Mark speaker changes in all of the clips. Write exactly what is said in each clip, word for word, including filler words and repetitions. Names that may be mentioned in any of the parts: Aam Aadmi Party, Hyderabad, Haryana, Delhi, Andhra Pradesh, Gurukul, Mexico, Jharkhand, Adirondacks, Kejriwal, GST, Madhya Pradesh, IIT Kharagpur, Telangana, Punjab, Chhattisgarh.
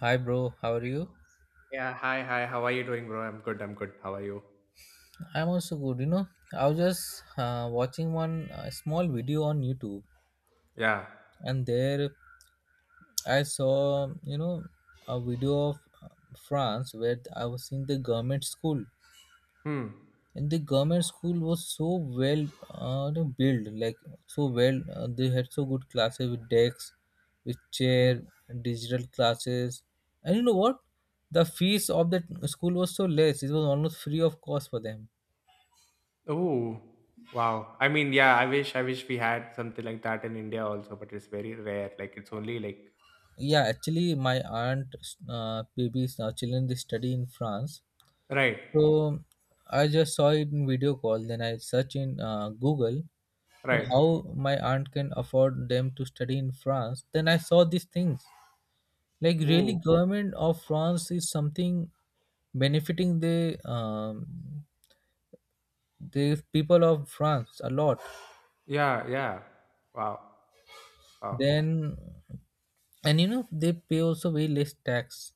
Speaker 1: Hi, bro. How are you?
Speaker 2: Yeah, hi, hi. How are you doing, bro? I'm good. I'm good. How are you?
Speaker 1: I'm also good. You know, I was just uh, watching one uh, small video on YouTube,
Speaker 2: Yeah.
Speaker 1: and there I saw, you know, a video of uh, France where I was seeing the government school,
Speaker 2: Hmm.
Speaker 1: and the government school was so well uh, you know, built, like so well. Uh, they had so good classes with desks, with
Speaker 2: Hmm.
Speaker 1: chair, digital classes, and you know what? The fees of that school was so less; it was almost free of cost for them.
Speaker 2: Oh, wow. I mean, yeah, I wish I wish we had something like that in India also, but it's very rare. Like it's only like
Speaker 1: Yeah, actually my aunt uh, babies uh, children, they study in France,
Speaker 2: right,
Speaker 1: so I just saw it in video call, then I search in uh, Google that
Speaker 2: right.
Speaker 1: how my aunt can afford them to study in France. Then I saw these things, like really
Speaker 2: Oh,
Speaker 1: government of France is something benefiting the um, the people of France a lot.
Speaker 2: yeah, yeah. Wow. Wow.
Speaker 1: Then and you know they pay also way less tax.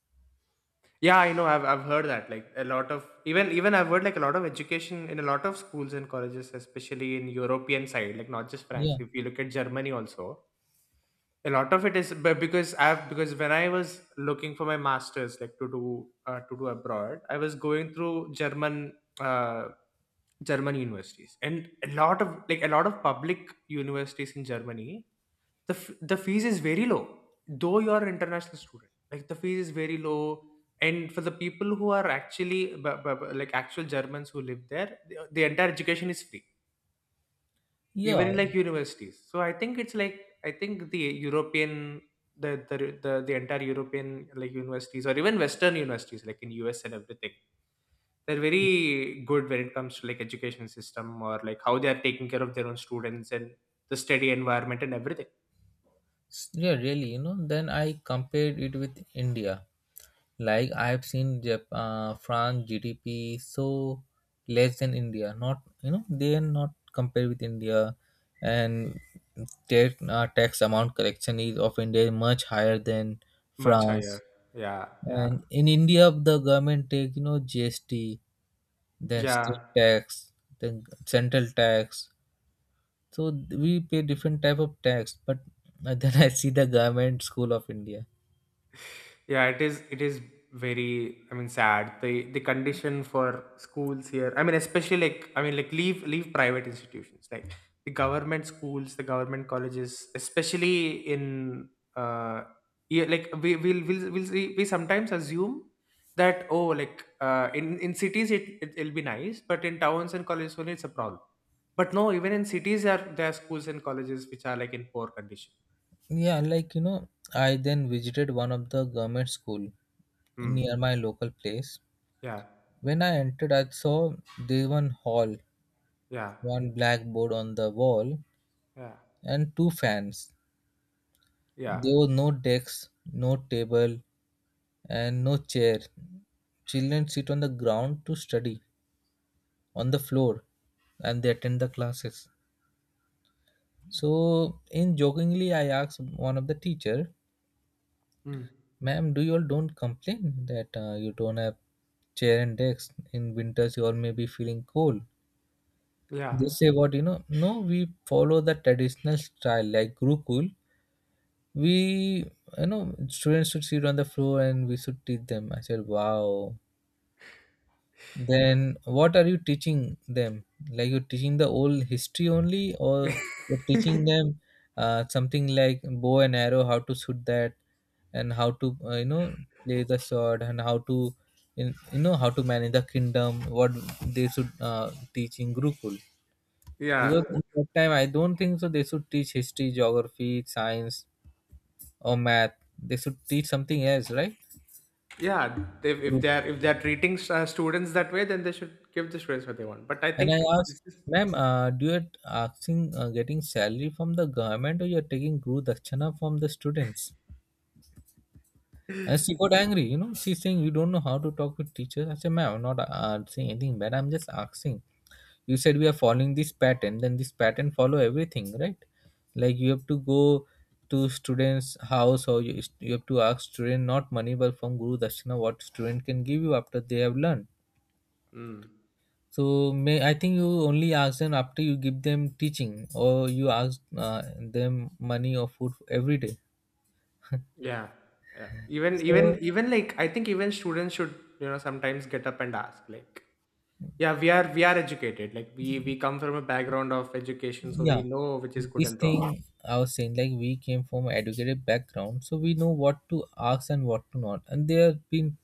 Speaker 2: Yeah, I know. I've I've heard that. Like a lot of even even I've heard like a lot of education in a lot of schools and colleges, especially in European side, like not just France.
Speaker 1: Yeah,
Speaker 2: If you look at Germany also, a lot of it is but because i've because when I was looking for my masters like to do uh, to do abroad I was going through german uh, German universities and a lot of like a lot of public universities in Germany the f- the fees is very low though you're an international student like the fees is very low, and for the people who are actually b- b- b- like actual Germans who live there the, the entire education is free
Speaker 1: yeah.
Speaker 2: even in like universities. So I think it's like I think the European the the the, the entire European like universities or even western universities like in US and everything, they're very good when it comes to like education system or like how they are taking care of their own students and the study environment and everything.
Speaker 1: Yeah, really, you know, then I compared it with India. Like I've seen Jap- uh, France G D P so less than India. Not you know they are not compared with India, and tax uh, tax amount collection is of India is much higher than
Speaker 2: Much higher.
Speaker 1: France.
Speaker 2: Yeah, yeah,
Speaker 1: And in India, the government take you know G S T, then
Speaker 2: yeah.
Speaker 1: state tax, then central tax. So we pay different type of tax. But uh, then I see the government school of India.
Speaker 2: Yeah, it is it is very I mean sad. The the condition for schools here. I mean, especially like I mean like leave leave private institutions. Like the government schools, the government colleges, especially in uh yeah, like we will we'll, we'll, we'll see, we sometimes assume that oh like uh in, in cities it, it it'll be nice, but in towns and colleges only it's a problem. But no, even in cities there are there are schools and colleges which are like in poor condition.
Speaker 1: Yeah, like you know, I then visited one of the government school near
Speaker 2: Hmm.
Speaker 1: my local place.
Speaker 2: Yeah.
Speaker 1: When I entered, I saw there one hall,
Speaker 2: Yeah.
Speaker 1: one blackboard on the wall,
Speaker 2: Yeah.
Speaker 1: and two fans.
Speaker 2: Yeah.
Speaker 1: There was no desk, no table, and no chair. Children sit on the ground to study on the floor, and they attend the classes. So, in jokingly, I asked one of the teacher,
Speaker 2: Mm.
Speaker 1: ma'am, do you all don't complain that uh, you don't have chair and desk in winters? You all may be feeling cold.
Speaker 2: Yeah.
Speaker 1: They say what you know. No, we follow the traditional style like Gurukul. We, you know, students should sit on the floor and we should teach them. I said, wow, then what are you teaching them? Like you're teaching the old history only, or you're teaching them uh, something like bow and arrow, how to shoot that, and how to, uh, you know play the sword, and how to, in, you know, how to manage the kingdom. What they should uh, teach in Gurukul.
Speaker 2: Yeah.
Speaker 1: Because in that time, I don't think so. They should teach history, geography, science, or math. They should teach something else, right?
Speaker 2: Yeah. If, if they're if they're treating s- uh, students that way, then they should give the students what they want. But I
Speaker 1: And I
Speaker 2: think
Speaker 1: asked,
Speaker 2: this is.
Speaker 1: ma'am, uh, do you asking uh, getting salary from the government or you're taking Guru Dakshina from the students? And she got angry, you know, she's saying you don't know how to talk with teachers. I said, ma'am, I'm not uh, saying anything bad. I'm just asking. You said we are following this pattern, then this pattern follow everything, right? Like you have to go to students' house or you, you have to ask student not money but from Guru Dakshina what student can give you after they have learned.
Speaker 2: Mm.
Speaker 1: So may I think you only ask them after you give them teaching or you ask uh, them money or food every day.
Speaker 2: Yeah. Yeah. Even even
Speaker 1: So
Speaker 2: even like I think even students should you know sometimes get up and ask like yeah we are we are educated like we we come from a background of education so we
Speaker 1: yeah,
Speaker 2: know which is good
Speaker 1: this
Speaker 2: and wrong.
Speaker 1: thing I was saying like we came from an educated background, so we know what to ask and what to not. And they have been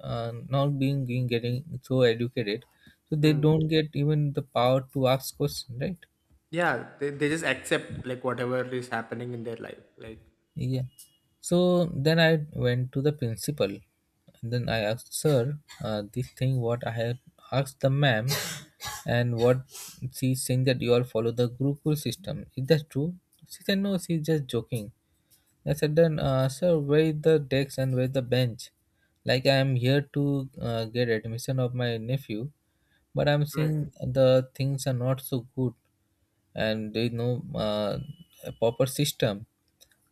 Speaker 1: uh, not being being getting so educated, so they
Speaker 2: Hmm.
Speaker 1: don't get even the power to ask questions, right?
Speaker 2: Yeah. They they just accept like whatever is happening in their life like
Speaker 1: Yeah. So then I went to the principal. And then I asked, sir, uh, this thing what I have asked the ma'am and what she's saying that you all follow the Gurukul system. Is that true? She said, no, she's just joking. I said, then, uh, sir, where is the desk and where is the bench? Like I am here to uh, get admission of my nephew, but I'm
Speaker 2: right,
Speaker 1: seeing the things are not so good and there is no uh, proper system.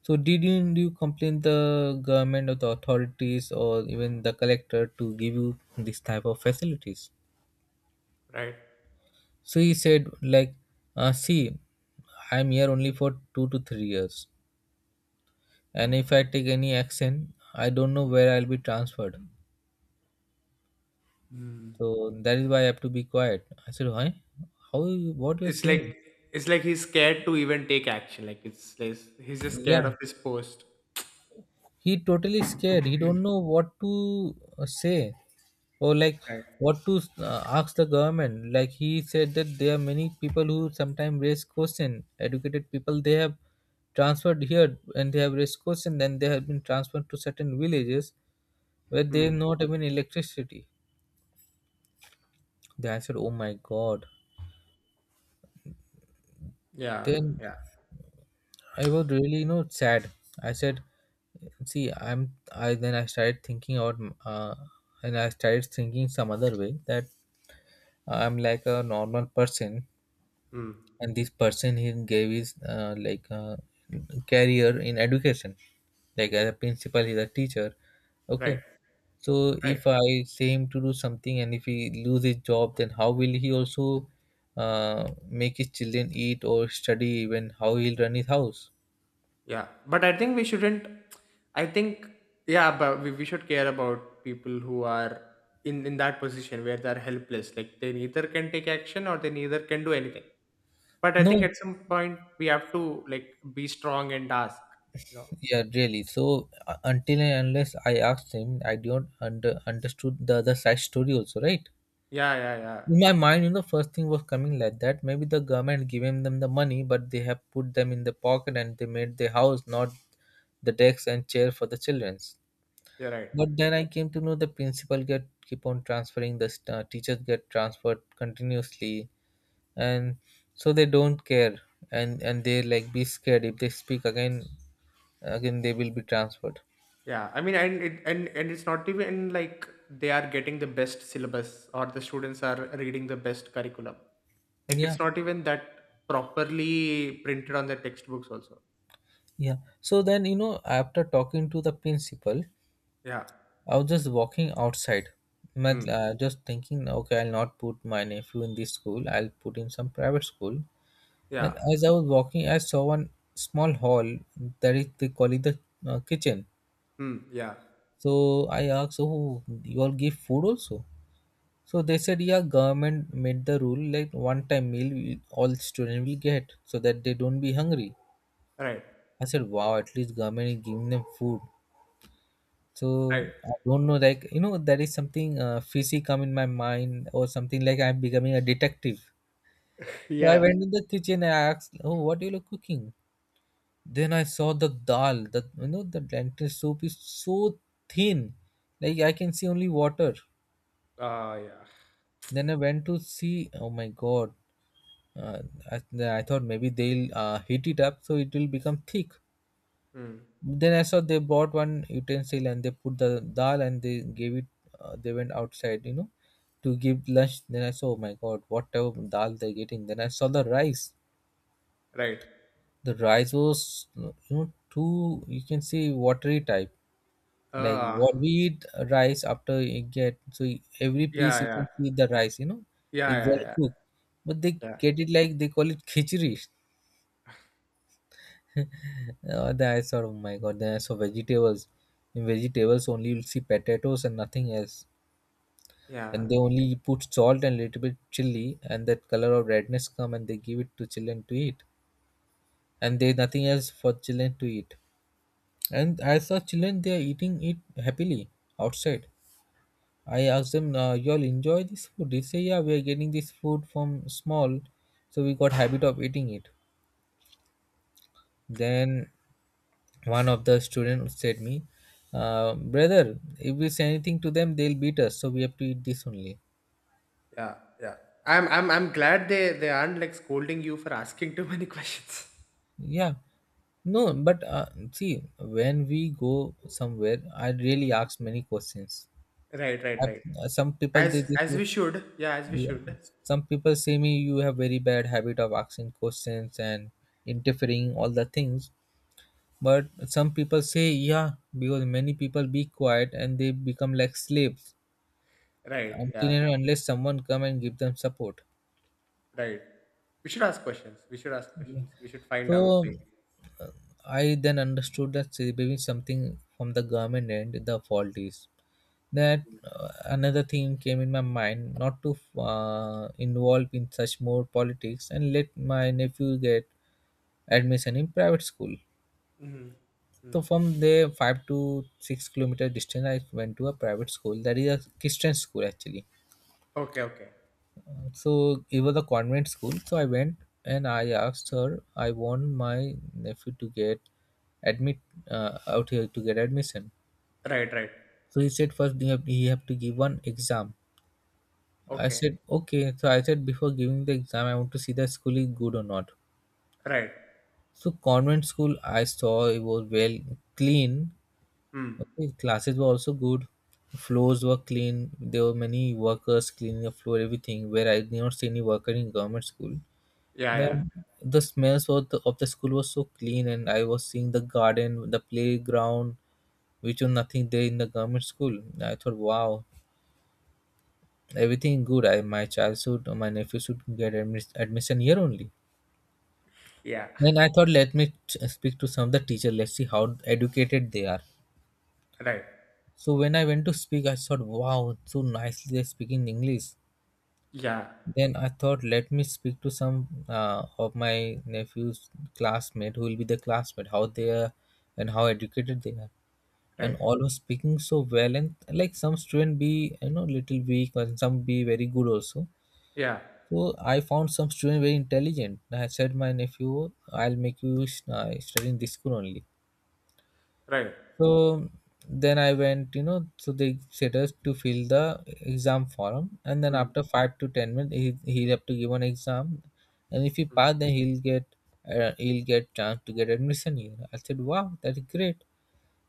Speaker 1: So didn't you complain the government or the authorities or even the collector to give you this type of facilities?
Speaker 2: right.
Speaker 1: So he said like, uh, see, I'm here only for two to three years, and if I take any action, I don't know where I'll be transferred.
Speaker 2: Mm.
Speaker 1: So that is why I have to be quiet. I said, why? How? you- What you're
Speaker 2: It's like
Speaker 1: saying?
Speaker 2: it's like he's scared to even take action. Like it's like he's just scared
Speaker 1: Yeah,
Speaker 2: of his post.
Speaker 1: he totally scared. He don't know what to uh, say. Or like
Speaker 2: Right.
Speaker 1: what to uh, ask the government. Like he said that there are many people who sometimes raise question, educated people, they have transferred here and they have raised question, then they have been transferred to certain villages where they
Speaker 2: Hmm.
Speaker 1: have not even electricity. Then I said, oh my god,
Speaker 2: Yeah.
Speaker 1: then
Speaker 2: Yeah.
Speaker 1: I was really, you know, sad. I said, see i'm i then I started thinking out, uh, and I started thinking some other way, that I'm like a normal person,
Speaker 2: Hmm.
Speaker 1: and this person, he gave his uh, like uh, career in education, like as a principal, he's a teacher,
Speaker 2: Right.
Speaker 1: okay. So
Speaker 2: Right.
Speaker 1: if I say him to do something and if he lose his job, then how will he also uh, make his children eat or study, even how he'll run his house.
Speaker 2: Yeah. But I think we shouldn't. I think yeah, but we, we should care about people who are in in that position where they're helpless. Like they neither can take action or they neither can do anything. But I think
Speaker 1: No,
Speaker 2: at some point we have to like be strong and ask. You know.
Speaker 1: yeah, really. So uh, until and unless I asked him, I don't under understood the other side story also, right.
Speaker 2: Yeah. Yeah. Yeah.
Speaker 1: In my mind, you know, first thing was coming like that. Maybe the government giving them the money, but they have put them in the pocket and they made the house, not the desk and chair for the childrens.
Speaker 2: You're right.
Speaker 1: But then I came to know the principal get keep on transferring the st- uh, teachers get transferred continuously, and so they don't care, and and they like be scared if they speak again, again they will be transferred.
Speaker 2: Yeah, I mean, and it and and it's not even like they are getting the best syllabus or the students are reading the best curriculum. Like
Speaker 1: Yeah,
Speaker 2: it's not even that properly printed on the textbooks also.
Speaker 1: yeah. So then you know after talking to the principal,
Speaker 2: Yeah.
Speaker 1: I was just walking outside, but,
Speaker 2: Mm.
Speaker 1: uh, just thinking, okay, I'll not put my nephew in this school, I'll put him some private school. And
Speaker 2: Yeah.
Speaker 1: as I was walking, I saw one small hall that is they call it the uh, kitchen.
Speaker 2: Mm. Yeah.
Speaker 1: So I asked, oh, you all give food also? So they said, yeah, government made the rule like one time meal will- all students will get so that they don't be hungry.
Speaker 2: Right.
Speaker 1: I said, wow, at least government is giving them food. So
Speaker 2: Right.
Speaker 1: I don't know, like you know, there is something uh, fishy come in my mind or something like I'm becoming a detective. So I
Speaker 2: Yeah.
Speaker 1: went in the kitchen and I asked, "Oh, what you look cooking?" Then I saw the dal. The, you know, the lentil soup is so thin, like I can see only water.
Speaker 2: Ah, yeah.
Speaker 1: Then I went to see. Oh my god! Uh, I, I thought maybe they'll uh, heat it up so it will become thick.
Speaker 2: Mm.
Speaker 1: Then I saw they bought one utensil and they put the dal and they gave it. Uh, they went outside, you know, to give lunch. Then I saw, oh my god, whatever dal they're getting. Then I saw the rice.
Speaker 2: Right.
Speaker 1: The rice was, you know, too. You can see watery type. Like what
Speaker 2: Ah,
Speaker 1: we eat rice after you get so every
Speaker 2: yeah.
Speaker 1: piece you
Speaker 2: Yeah.
Speaker 1: can see the rice. You know, it's well
Speaker 2: Yeah. Yeah.
Speaker 1: cooked, but they
Speaker 2: Yeah. Yeah.
Speaker 1: get it like they call it khichdi. Uh, then I saw, oh my god, then I saw vegetables. In vegetables, only you'll see potatoes and nothing else.
Speaker 2: Yeah.
Speaker 1: And they only put salt and little bit chili, and that color of redness come and they give it to children to eat. And they nothing else for children to eat. And I saw children they are eating it happily outside. I asked them, uh, you all enjoy this food? They say, yeah, we are getting this food from small, so we got habit of eating it. Then one of the students said me, uh, brother, if we say anything to them they'll beat us, so we have to eat this only.
Speaker 2: Yeah. Yeah. I'm. I'm. I'm glad they. They aren't like scolding you for asking too many questions.
Speaker 1: Yeah, no, but uh, see, when we go somewhere I really
Speaker 2: Mm.
Speaker 1: ask many questions.
Speaker 2: Right. Right.
Speaker 1: I,
Speaker 2: Right.
Speaker 1: some people they
Speaker 2: As
Speaker 1: just,
Speaker 2: as we should. Yeah, as we
Speaker 1: yeah,
Speaker 2: should.
Speaker 1: some people say me you have very bad habit of asking questions and interfering all the things, but some people say yeah, because many people be quiet and they become like slaves
Speaker 2: Right.
Speaker 1: until
Speaker 2: Yeah.
Speaker 1: and unless someone come and give them support.
Speaker 2: Right. We should ask questions. We should ask
Speaker 1: Yeah.
Speaker 2: questions. We should find out.
Speaker 1: So
Speaker 2: Like,
Speaker 1: uh, I then understood that maybe something from the government end the fault is that, uh, another thing came in my mind not to uh, involve in such more politics and let my nephew get admission in private school.
Speaker 2: mm-hmm.
Speaker 1: So
Speaker 2: Mm.
Speaker 1: from there five to six kilometer distance I went to a private school that is a Christian school actually.
Speaker 2: Okay. Okay.
Speaker 1: So it was a convent school. So I went and I asked her. I want my nephew to get admit uh, out here to get admission.
Speaker 2: Right. Right.
Speaker 1: So he said first you have, you have to give one exam. I
Speaker 2: Okay.
Speaker 1: said okay. So I said before giving the exam, I want to see the school is good or not.
Speaker 2: Right.
Speaker 1: So convent school, I saw it was well clean.
Speaker 2: Hmm.
Speaker 1: Okay, classes were also good. Floors were clean. There were many workers cleaning the floor, everything. Where I did not see any worker in government school.
Speaker 2: Yeah. Yeah.
Speaker 1: Then the smells of the, of the school was so clean, and I was seeing the garden, the playground, which was nothing there in the government school. I thought, wow, everything good. I my child should, my nephew should get admis- admission here only.
Speaker 2: Yeah.
Speaker 1: Then I thought, let me t- speak to some of the teacher. Let's see how educated they are.
Speaker 2: Right.
Speaker 1: So when I went to speak, I thought, wow, so nicely they're speaking English.
Speaker 2: Yeah.
Speaker 1: Then I thought, let me speak to some uh, of my nephew's classmate who will be the classmate, how they are and how educated they are. And
Speaker 2: Right.
Speaker 1: all was speaking so well, and like some student be you know little weak, and some be very good also.
Speaker 2: Yeah.
Speaker 1: So I found some student very intelligent. I said, my nephew, I'll make you uh, study in this school only.
Speaker 2: Right.
Speaker 1: So then I went, you know, so they said us to fill the exam form, and then
Speaker 2: Mm.
Speaker 1: after five to ten minutes, he he'll have to give an exam, and if he
Speaker 2: Mm.
Speaker 1: pass, then he'll get uh, he'll get chance to get admission here. I said, wow, that's great.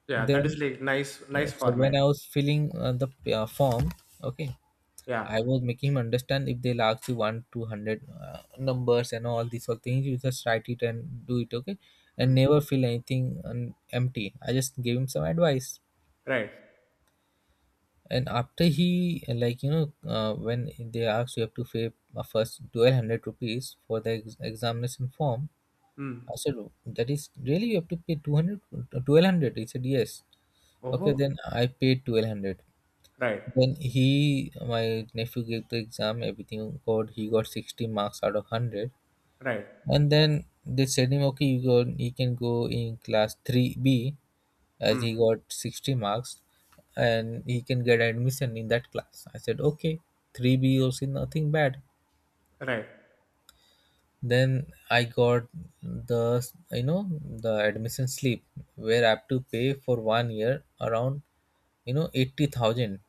Speaker 2: Yeah. That is
Speaker 1: Then,
Speaker 2: like nice.
Speaker 1: uh,
Speaker 2: Nice
Speaker 1: so when
Speaker 2: format.
Speaker 1: I was filling uh, the uh, form, okay,
Speaker 2: Yeah.
Speaker 1: I was making him understand if they'll ask you one to hundred uh, numbers and all these all things, you just write it and do it, okay, and
Speaker 2: Mm.
Speaker 1: never feel anything um, empty. I just gave him some advice,
Speaker 2: Right.
Speaker 1: and after he uh, like you know uh, when they asked you have to pay uh, first twelve hundred rupees for the ex- examination form. I
Speaker 2: Mm.
Speaker 1: said, "Oh, that is really, you have to pay two hundred, twelve hundred He said yes. Okay,
Speaker 2: Oh.
Speaker 1: then I paid twelve hundred.
Speaker 2: Right.
Speaker 1: Then he, my nephew, gave the exam. Everything got, he got sixty marks out of one hundred.
Speaker 2: Right.
Speaker 1: And then they said him, okay, you go. He can go in class three B, as he
Speaker 2: Mm.
Speaker 1: got sixty marks, and he can get admission in that class. I said, okay, three B also nothing bad.
Speaker 2: Right.
Speaker 1: Then I got the you know the admission slip where I have to pay for one year around you know eighty thousand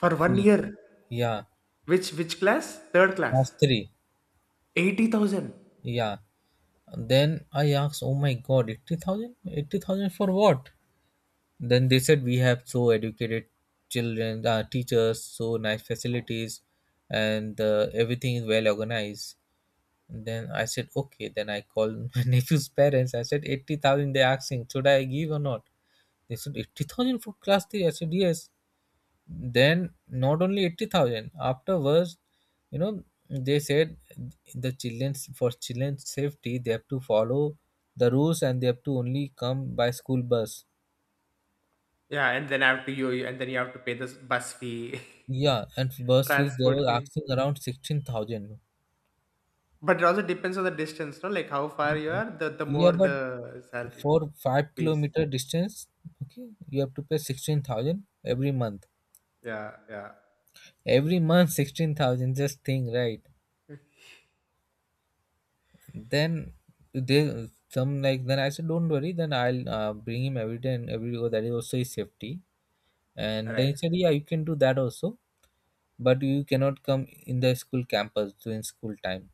Speaker 2: For one
Speaker 1: fee.
Speaker 2: year.
Speaker 1: Yeah,
Speaker 2: Which which class? Third
Speaker 1: class
Speaker 2: class.
Speaker 1: three.
Speaker 2: eighty thousand.
Speaker 1: Yeah. Then I asked, "Oh my God, eighty thousand? Eighty thousand for what?" Then they said, "We have so educated children, uh, teachers, so nice facilities, and uh, everything is well organized." Then I said, "Okay." Then I called my nephew's parents. I said, eighty thousand, they asking, should I give or not? They said, eighty thousand for class three. I said, yes. Then not only eighty thousand afterwards, you know, they said, the children's for children's safety they have to follow the rules, and they have to only come by school bus.
Speaker 2: Yeah, and then after you, you- and then you have to pay this bus fee,
Speaker 1: Yeah, and bus fees they
Speaker 2: transport
Speaker 1: were
Speaker 2: fee.
Speaker 1: asking around sixteen thousand.
Speaker 2: But it also depends on the distance, no? Like how far you are, the the
Speaker 1: Yeah,
Speaker 2: more
Speaker 1: but
Speaker 2: the salary
Speaker 1: for 5
Speaker 2: fees.
Speaker 1: kilometer distance, okay, you have to pay sixteen thousand every month,
Speaker 2: Yeah, yeah.
Speaker 1: every month sixteen thousand, just think, right? Then they some, like, then I said, don't worry, then I'll uh, bring him every day, and every day that is also his safety. And then
Speaker 2: Right.
Speaker 1: he said, yeah, you can do that also, but you cannot come in the school campus during school time.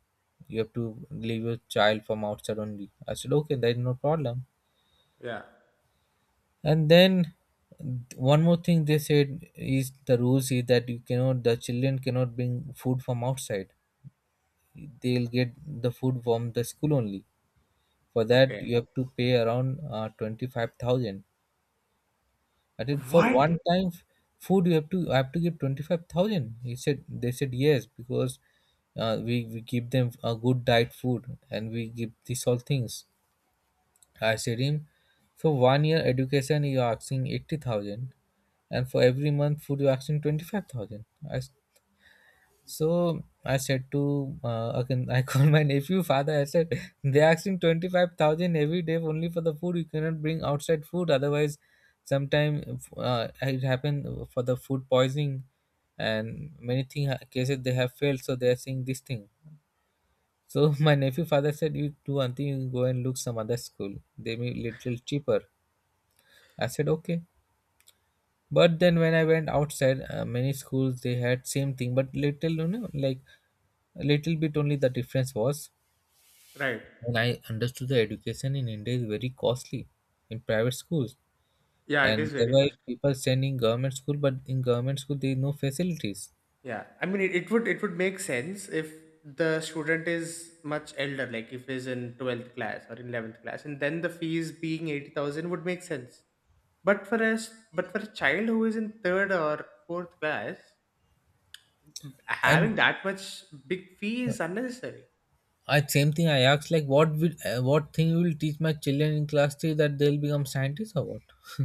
Speaker 1: You have to leave your child from outside only. I said okay, there is no problem.
Speaker 2: Yeah.
Speaker 1: And then one more thing they said is the rules is that you cannot the children cannot bring food from outside. They'll get the food from the school only. For that
Speaker 2: Okay.
Speaker 1: you have to pay around uh, twenty-five thousand. I said, for
Speaker 2: What?
Speaker 1: one time f- food you have to I have to give twenty-five thousand? He said, they said yes, because uh, we, we give them a good diet food and we give these all things. I said him, for one year education you're asking eighty thousand, and for every month food you're asking twenty-five thousand. i s- So I said to, uh, again, I called my nephew father. I said, they're asking twenty five thousand every day only for the food. You cannot bring outside food, otherwise, sometime uh, it happened for the food poisoning, and many thing uh, cases they have failed. So they are saying this thing. So my nephew father said, "You do one thing, you go and look some other school. They may little cheaper." I said, "Okay." But then when I went outside, uh, many schools they had same thing, but little you know like a little bit only the difference was.
Speaker 2: Right.
Speaker 1: When I understood the education in India is very costly in private schools,
Speaker 2: Yeah, it
Speaker 1: and
Speaker 2: is
Speaker 1: there
Speaker 2: very
Speaker 1: were
Speaker 2: first.
Speaker 1: people sending government school, but in government school there is no facilities.
Speaker 2: Yeah. I mean, it, it would it would make sense if the student is much elder, like if he's in twelfth class or in eleventh class, and then the fees being eighty thousand would make sense. But for us, but for a child who is in third or fourth class, having
Speaker 1: And
Speaker 2: that much big fee is unnecessary.
Speaker 1: I same thing I asked, like what will uh, what thing will teach my children in class three that they'll become scientists or what?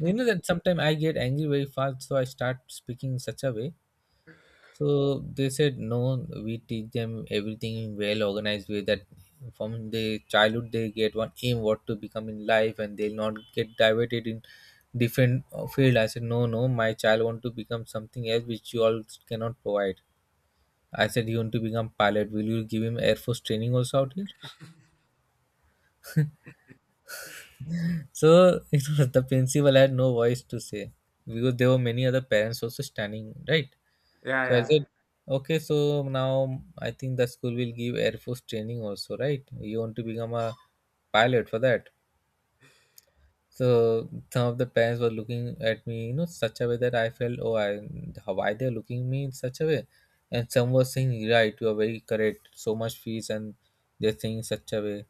Speaker 1: You know that sometimes I get angry very fast, so I start speaking in such a way. So they said, no, we teach them everything in well organized way, that from the childhood they get one aim what to become in life, and they'll not get diverted in different uh, field. I said, no, no, my child want to become something else which you all cannot provide. I said he want to become pilot. Will you give him air force training also out here? So it was the principal had no voice to say, because there were many other parents also standing, right?
Speaker 2: Yeah,
Speaker 1: So I said,
Speaker 2: yeah,
Speaker 1: okay, so now I think the school will give Air Force training also, right? You want to become a pilot for that. So some of the parents were looking at me, you know, such a way that I felt, oh, I, how- why they're looking me in such a way? And some were saying, right, you are very correct, so much fees, and they're saying such a way.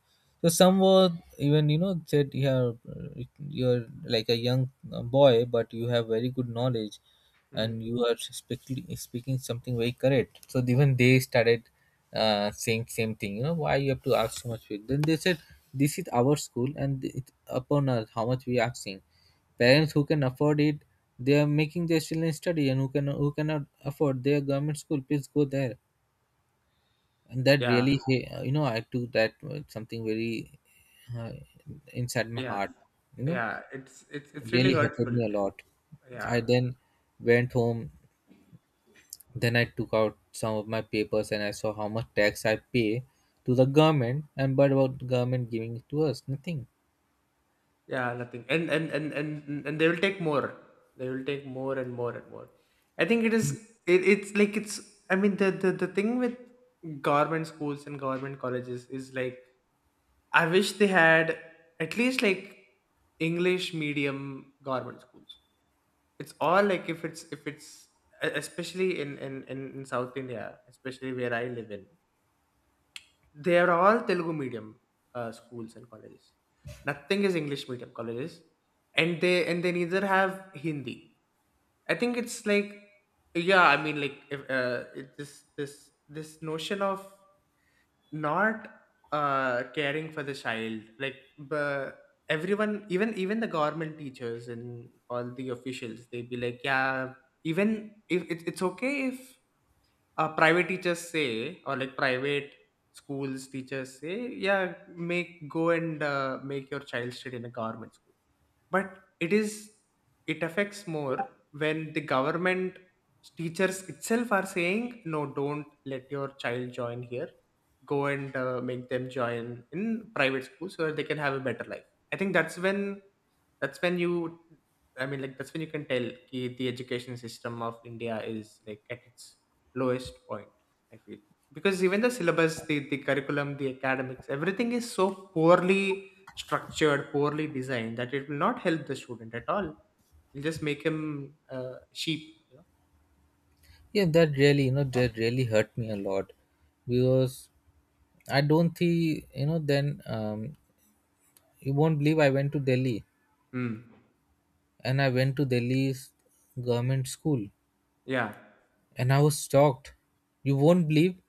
Speaker 1: So some were even, you know, said, yeah, uh, you're like a young uh, boy, but you have very good knowledge, and
Speaker 2: hmm,
Speaker 1: you are speaking speaking something very correct. So even they started uh, saying same thing. You know, why you have to ask so much fees? Then they said, this is our school, and it's upon us how much we are asking. Parents who can afford it, they are making their children study, and who can who cannot afford, their government school, please go there. And that
Speaker 2: yeah,
Speaker 1: really, you know, I took that uh, something very uh, inside my
Speaker 2: yeah,
Speaker 1: heart. You know,
Speaker 2: yeah. It's it's
Speaker 1: it
Speaker 2: it's really
Speaker 1: really hurted
Speaker 2: hurtful.
Speaker 1: me a lot.
Speaker 2: Yeah,
Speaker 1: I then went home. Then I took out some of my papers and I saw how much tax I pay to the government, and but about government giving it to us, nothing.
Speaker 2: yeah, nothing. And and and and and they will take more. They will take more and more and more. I think it is it, it's like it's I mean the, the, the thing with government schools and government colleges is like I wish they had at least like English medium government schools. It's all like if it's if it's e- especially in in in, in South India, especially where I live in, they are all Telugu medium uh, schools and colleges. Nothing is English medium colleges, and they and they neither have Hindi. I think it's like yeah, I mean like if uh, it, this this this notion of not uh, caring for the child, like but everyone, even even the government teachers and all the officials, they'd be like, yeah, even if it, it's okay if uh, private teachers say or like private schools teachers say yeah make go and uh, make your child study in a government school. But it is it affects more when the government teachers itself are saying no, don't let your child join here, go and uh, make them join in private school so that they can have a better life. I think that's when that's when you I mean like that's when you can tell ki the education system of India is like at its lowest point I feel, because even the syllabus the, the curriculum the academics everything is so poorly structured, poorly designed that it will not help the student at all. It'll just make him uh, sheep. You know?
Speaker 1: Yeah, that really, you know, that really hurt me a lot, because I don't think, you know, then um, you won't believe, I went to Delhi
Speaker 2: Hmm.
Speaker 1: and I went to Delhi's government school,
Speaker 2: Yeah.
Speaker 1: and I was shocked. You won't believe,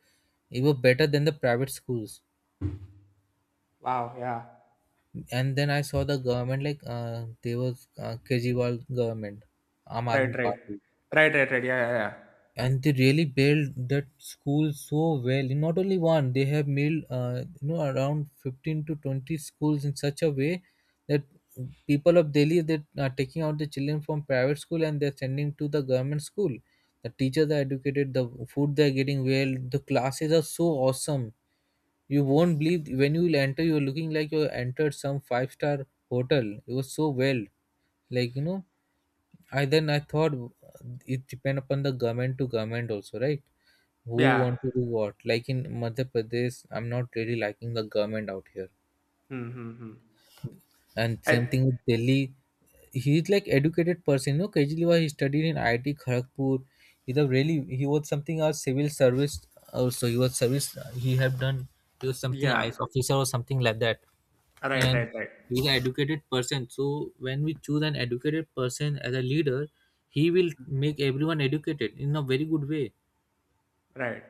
Speaker 1: it was better than the private schools.
Speaker 2: Wow. Yeah.
Speaker 1: And then I saw the government, like uh, they was uh, Kejriwal government, Aam
Speaker 2: Right.
Speaker 1: Aadmi
Speaker 2: Right.
Speaker 1: Party.
Speaker 2: Right. Right. Right. Yeah. Yeah. Yeah.
Speaker 1: And they really built that school so well, not only one, they have made, uh, you know around fifteen to twenty schools in such a way that people of Delhi that are taking out the children from private school and they're sending to the government school. The teachers are educated, the food they're getting well, the classes are so awesome. You won't believe, when you will enter you're looking like you entered some five star hotel. It was so well, like, you know, I then I thought it depend upon the government to government also, right? Who
Speaker 2: Yeah.
Speaker 1: want to do what? Like in Madhya Pradesh, I'm not really liking the government out here.
Speaker 2: Hmm. Hmm. Hmm.
Speaker 1: And same
Speaker 2: I.
Speaker 1: thing with Delhi. He's like educated person. You know, Kejriwal he studied in I I T Kharagpur. He's a really he was something as civil service also. He was service he had done, he was something I S
Speaker 2: Yeah.
Speaker 1: officer or something like that.
Speaker 2: Right.
Speaker 1: And
Speaker 2: Right. Right.
Speaker 1: he's an educated person, so when we choose an educated person as a leader, he will make everyone educated in a very good way.
Speaker 2: Right.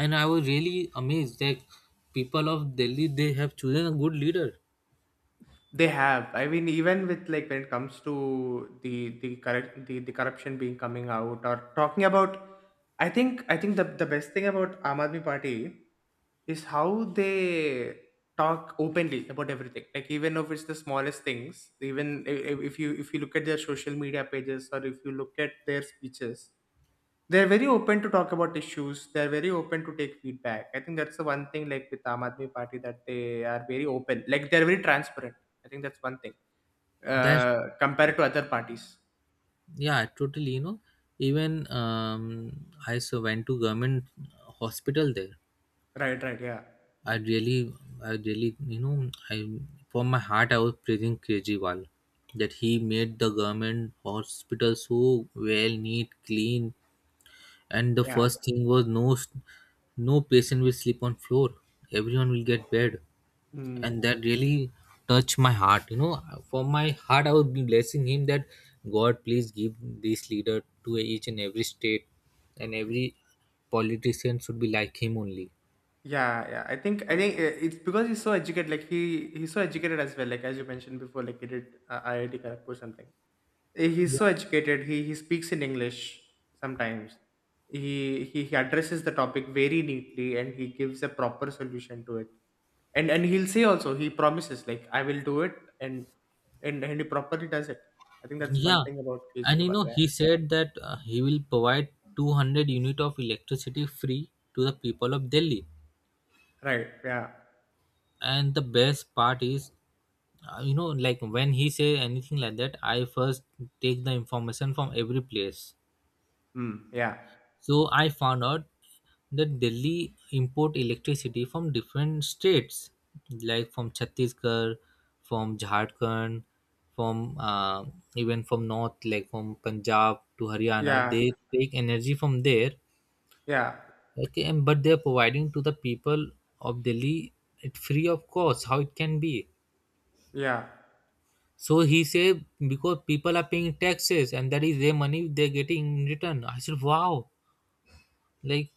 Speaker 1: And I was really amazed that people of Delhi they have chosen a good leader.
Speaker 2: They have. I mean, even with like when it comes to the the correct the, the corruption being coming out or talking about, I think I think the the best thing about Aam Aadmi Party is how they talk openly about everything like even if it's the smallest things even i- i- if you if you look at their social media pages or if you look at their speeches, they're very open to talk about issues, they're very open to take feedback. I think that's the one thing like with Aam Aadmi Party that they are very open like they're very transparent. I think that's one thing
Speaker 1: That's,
Speaker 2: uh compared to other parties.
Speaker 1: yeah, totally, you know. Even um, I so went to government hospital there.
Speaker 2: Right, right, yeah,
Speaker 1: I really, i really you know i from my heart I was praising Kejriwal, that he made the government hospital so well, neat, clean. And the
Speaker 2: yeah,
Speaker 1: first thing was, no s- no patient will sleep on floor, everyone will get bed.
Speaker 2: mm.
Speaker 1: And that really touched my heart, you know, for my heart I would be blessing him that, God, please give this leader to each and every state, and every politician should be like him only.
Speaker 2: Yeah, yeah. I think I think uh, it's because he's so educated. Like he he's so educated as well. Like as you mentioned before, like he did uh, I I T Kharagpur something. Uh, He's
Speaker 1: Yeah,
Speaker 2: so educated. He he speaks in English sometimes. He he he addresses the topic very neatly and he gives a proper solution to it. And and he'll say also he promises like I will do it and and and he properly does it. I think that's one
Speaker 1: yeah.
Speaker 2: thing about
Speaker 1: And you
Speaker 2: Kejriwal.
Speaker 1: know
Speaker 2: Yeah.
Speaker 1: he said that uh, he will provide two hundred unit of electricity free to the people of Delhi.
Speaker 2: Right. Yeah.
Speaker 1: And the best part is, uh, you know, like when he say anything like that, I first take the information from every place.
Speaker 2: Hmm. Yeah.
Speaker 1: So I found out that Delhi import electricity from different states, like from Chhattisgarh, from Jharkhand, from uh, even from north, like from Punjab to Haryana
Speaker 2: Yeah.
Speaker 1: they take energy from there.
Speaker 2: Yeah.
Speaker 1: Okay, and but they are providing to the people of Delhi it free of cost. How it can be?
Speaker 2: Yeah.
Speaker 1: So he said, because people are paying taxes and that is their money they're getting in return. I said, wow, like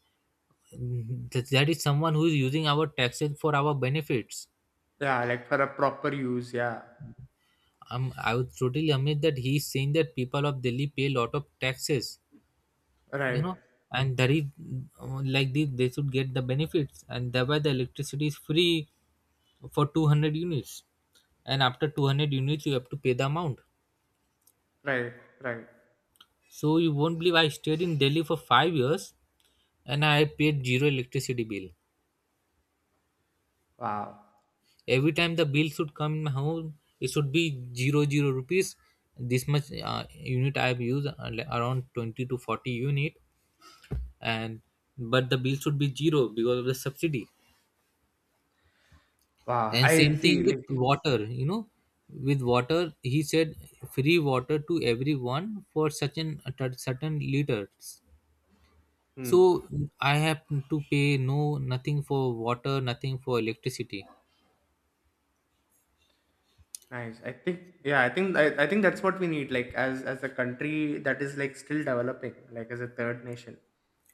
Speaker 1: th- that is someone who is using our taxes for our benefits.
Speaker 2: Yeah. Like for a proper use. Yeah.
Speaker 1: Um, I was totally amazed that he's saying that people of Delhi pay a lot of taxes, you
Speaker 2: Right,
Speaker 1: know, and that is uh, like this they should get the benefits, and thereby the electricity is free for two hundred units, and after two hundred units you have to pay the amount.
Speaker 2: right, right.
Speaker 1: So you won't believe, I stayed in Delhi for five years and I paid zero electricity bill.
Speaker 2: Wow,
Speaker 1: Every time the bill should come in my home, it should be zero zero rupees. This much uh, unit I have used, uh, like around twenty to forty unit, and but the bill should be zero because of the subsidy.
Speaker 2: wow.
Speaker 1: And same
Speaker 2: I see.
Speaker 1: thing with
Speaker 2: Like,
Speaker 1: water, you know, with water he said free water to everyone for such an certain liters.
Speaker 2: hmm,
Speaker 1: So I have to pay no nothing for water, nothing for electricity.
Speaker 2: nice. I think, yeah. I think, I, I think that's what we need. Like, as as a country that is like still developing, like as a third nation,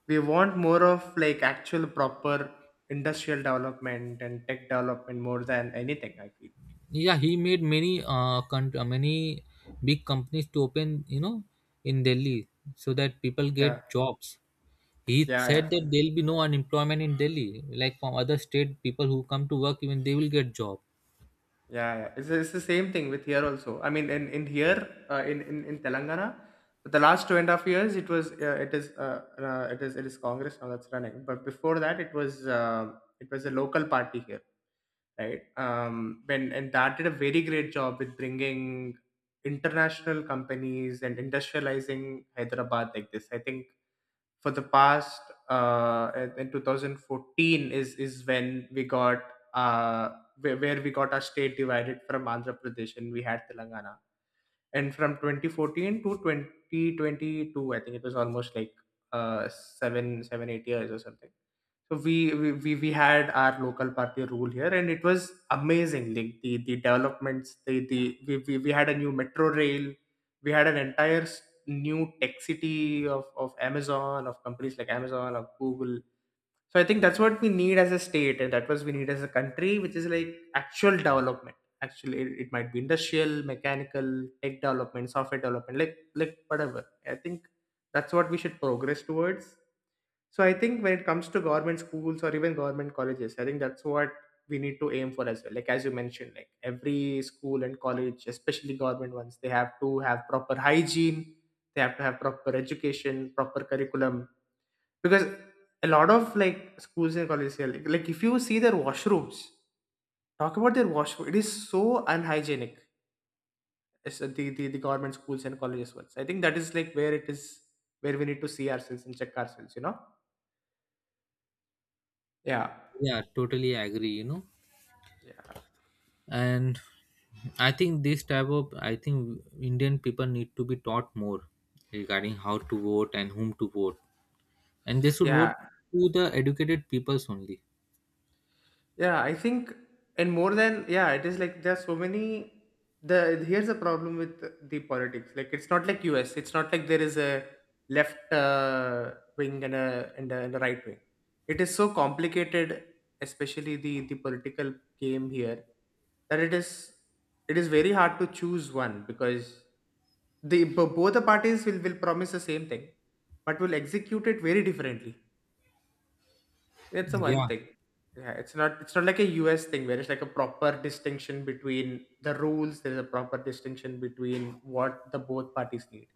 Speaker 2: we want more of like actual proper industrial development and tech development more than anything. I feel.
Speaker 1: Yeah, he made many uh, con- uh, many big companies to open, you know, in Delhi, so that people get
Speaker 2: Yeah,
Speaker 1: jobs. He
Speaker 2: yeah, yeah.
Speaker 1: said that there'll be no unemployment in Delhi, like from other state people who come to work, even they will get job.
Speaker 2: Yeah, yeah. It's, it's the same thing with here also. I mean, in in here, uh, in, in in Telangana, for the last two and a half years, it was uh, it is uh, uh, it is it is Congress now that's running. But before that, it was uh, it was a local party here, right? Um, when and that did a very great job with bringing international companies and industrializing Hyderabad like this. I think for the past uh in in twenty fourteen is is when we got uh where, where we got our state divided from Andhra Pradesh and we had Telangana. And from twenty fourteen to twenty twenty-two, I think it was almost like uh, seven, seven, eight years or something. So we, we, we, we had our local party rule here and it was amazing. Like the, the developments, the, the we, we, we had a new metro rail, we had an entire s- new tech city of, of Amazon, of companies like Amazon, of Google. So I think that's what we need as a state, and that was we need as a country, which is like actual development. Actually, it, it might be industrial, mechanical, tech development, software development, like like whatever. I think that's what we should progress towards. So I think when it comes to government schools or even government colleges, I think that's what we need to aim for as well. Like as you mentioned, like every school and college, especially government ones, they have to have proper hygiene, they have to have proper education, proper curriculum, because a lot of like schools and colleges here like, like if you see their washrooms, talk about their washroom, it is so unhygienic as the, the the government schools and colleges ones. I think that is like where it is where we need to see ourselves and check ourselves, you know? Yeah,
Speaker 1: Yeah, totally agree, you know,
Speaker 2: yeah,
Speaker 1: and I think this type of I think Indian people need to be taught more regarding how to vote and whom to vote, and they should
Speaker 2: yeah.
Speaker 1: vote to the educated peoples only.
Speaker 2: Yeah, I think, and more than, yeah, it is like there's so many. The here's the problem with the politics. Like it's not like U S. It's not like there is a left uh, wing and a, and a and a right wing. It is so complicated, especially the the political game here, that it is it is very hard to choose one because the bo- both the parties will will promise the same thing, but will execute it very differently. It's a one
Speaker 1: Yeah,
Speaker 2: thing. Yeah, it's not it's not like a U S thing where it's like a proper distinction between the rules, there's a proper distinction between what the both parties need.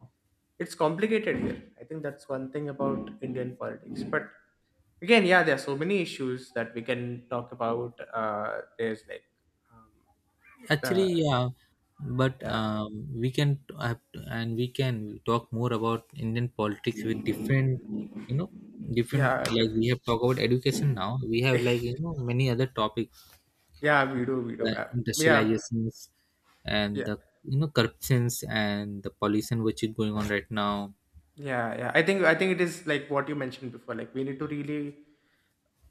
Speaker 2: It's complicated here. I think that's one thing about Indian politics. But again, yeah, there are so many issues that we can talk about. Uh, there's like um, uh,
Speaker 1: actually, yeah, but
Speaker 2: yeah,
Speaker 1: um, we can t- have t- and we can talk more about Indian politics with different you know different,
Speaker 2: yeah,
Speaker 1: like we
Speaker 2: different.
Speaker 1: have talked about education now, we have like, you know many other topics,
Speaker 2: Yeah, we do, we do.
Speaker 1: uh,
Speaker 2: Uh, yeah,
Speaker 1: industrializations, and
Speaker 2: yeah,
Speaker 1: the, you know, corruptions and the pollution which is going on right now.
Speaker 2: yeah, yeah. I think I think it is like what you mentioned before. Like we need to really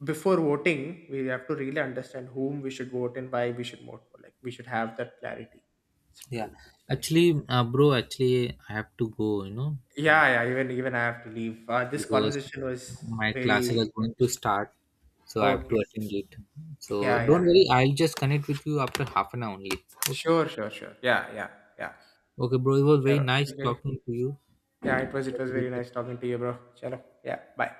Speaker 2: before voting we have to really understand whom we should vote and why we should vote for like we should have that clarity. It's
Speaker 1: Yeah,
Speaker 2: true. It's nice.
Speaker 1: actually, uh, bro, actually I have to go, you know like
Speaker 2: Yeah, yeah, even even I have to leave. Uh, this
Speaker 1: because
Speaker 2: conversation was
Speaker 1: my classes are
Speaker 2: very
Speaker 1: going to
Speaker 2: efficient.
Speaker 1: start, so I have to
Speaker 2: Okay.
Speaker 1: attend it. So
Speaker 2: Yeah, yeah,
Speaker 1: don't worry, I'll just connect with you after half an hour only. Okay.
Speaker 2: sure, sure, sure, yeah, yeah, yeah,
Speaker 1: Okay, bro. It was very
Speaker 2: sure,
Speaker 1: nice
Speaker 2: okay,
Speaker 1: talking to you.
Speaker 2: yeah, it was it
Speaker 1: Have
Speaker 2: was
Speaker 1: a
Speaker 2: very
Speaker 1: great day.
Speaker 2: nice talking to you bro, chalo, yeah, bye.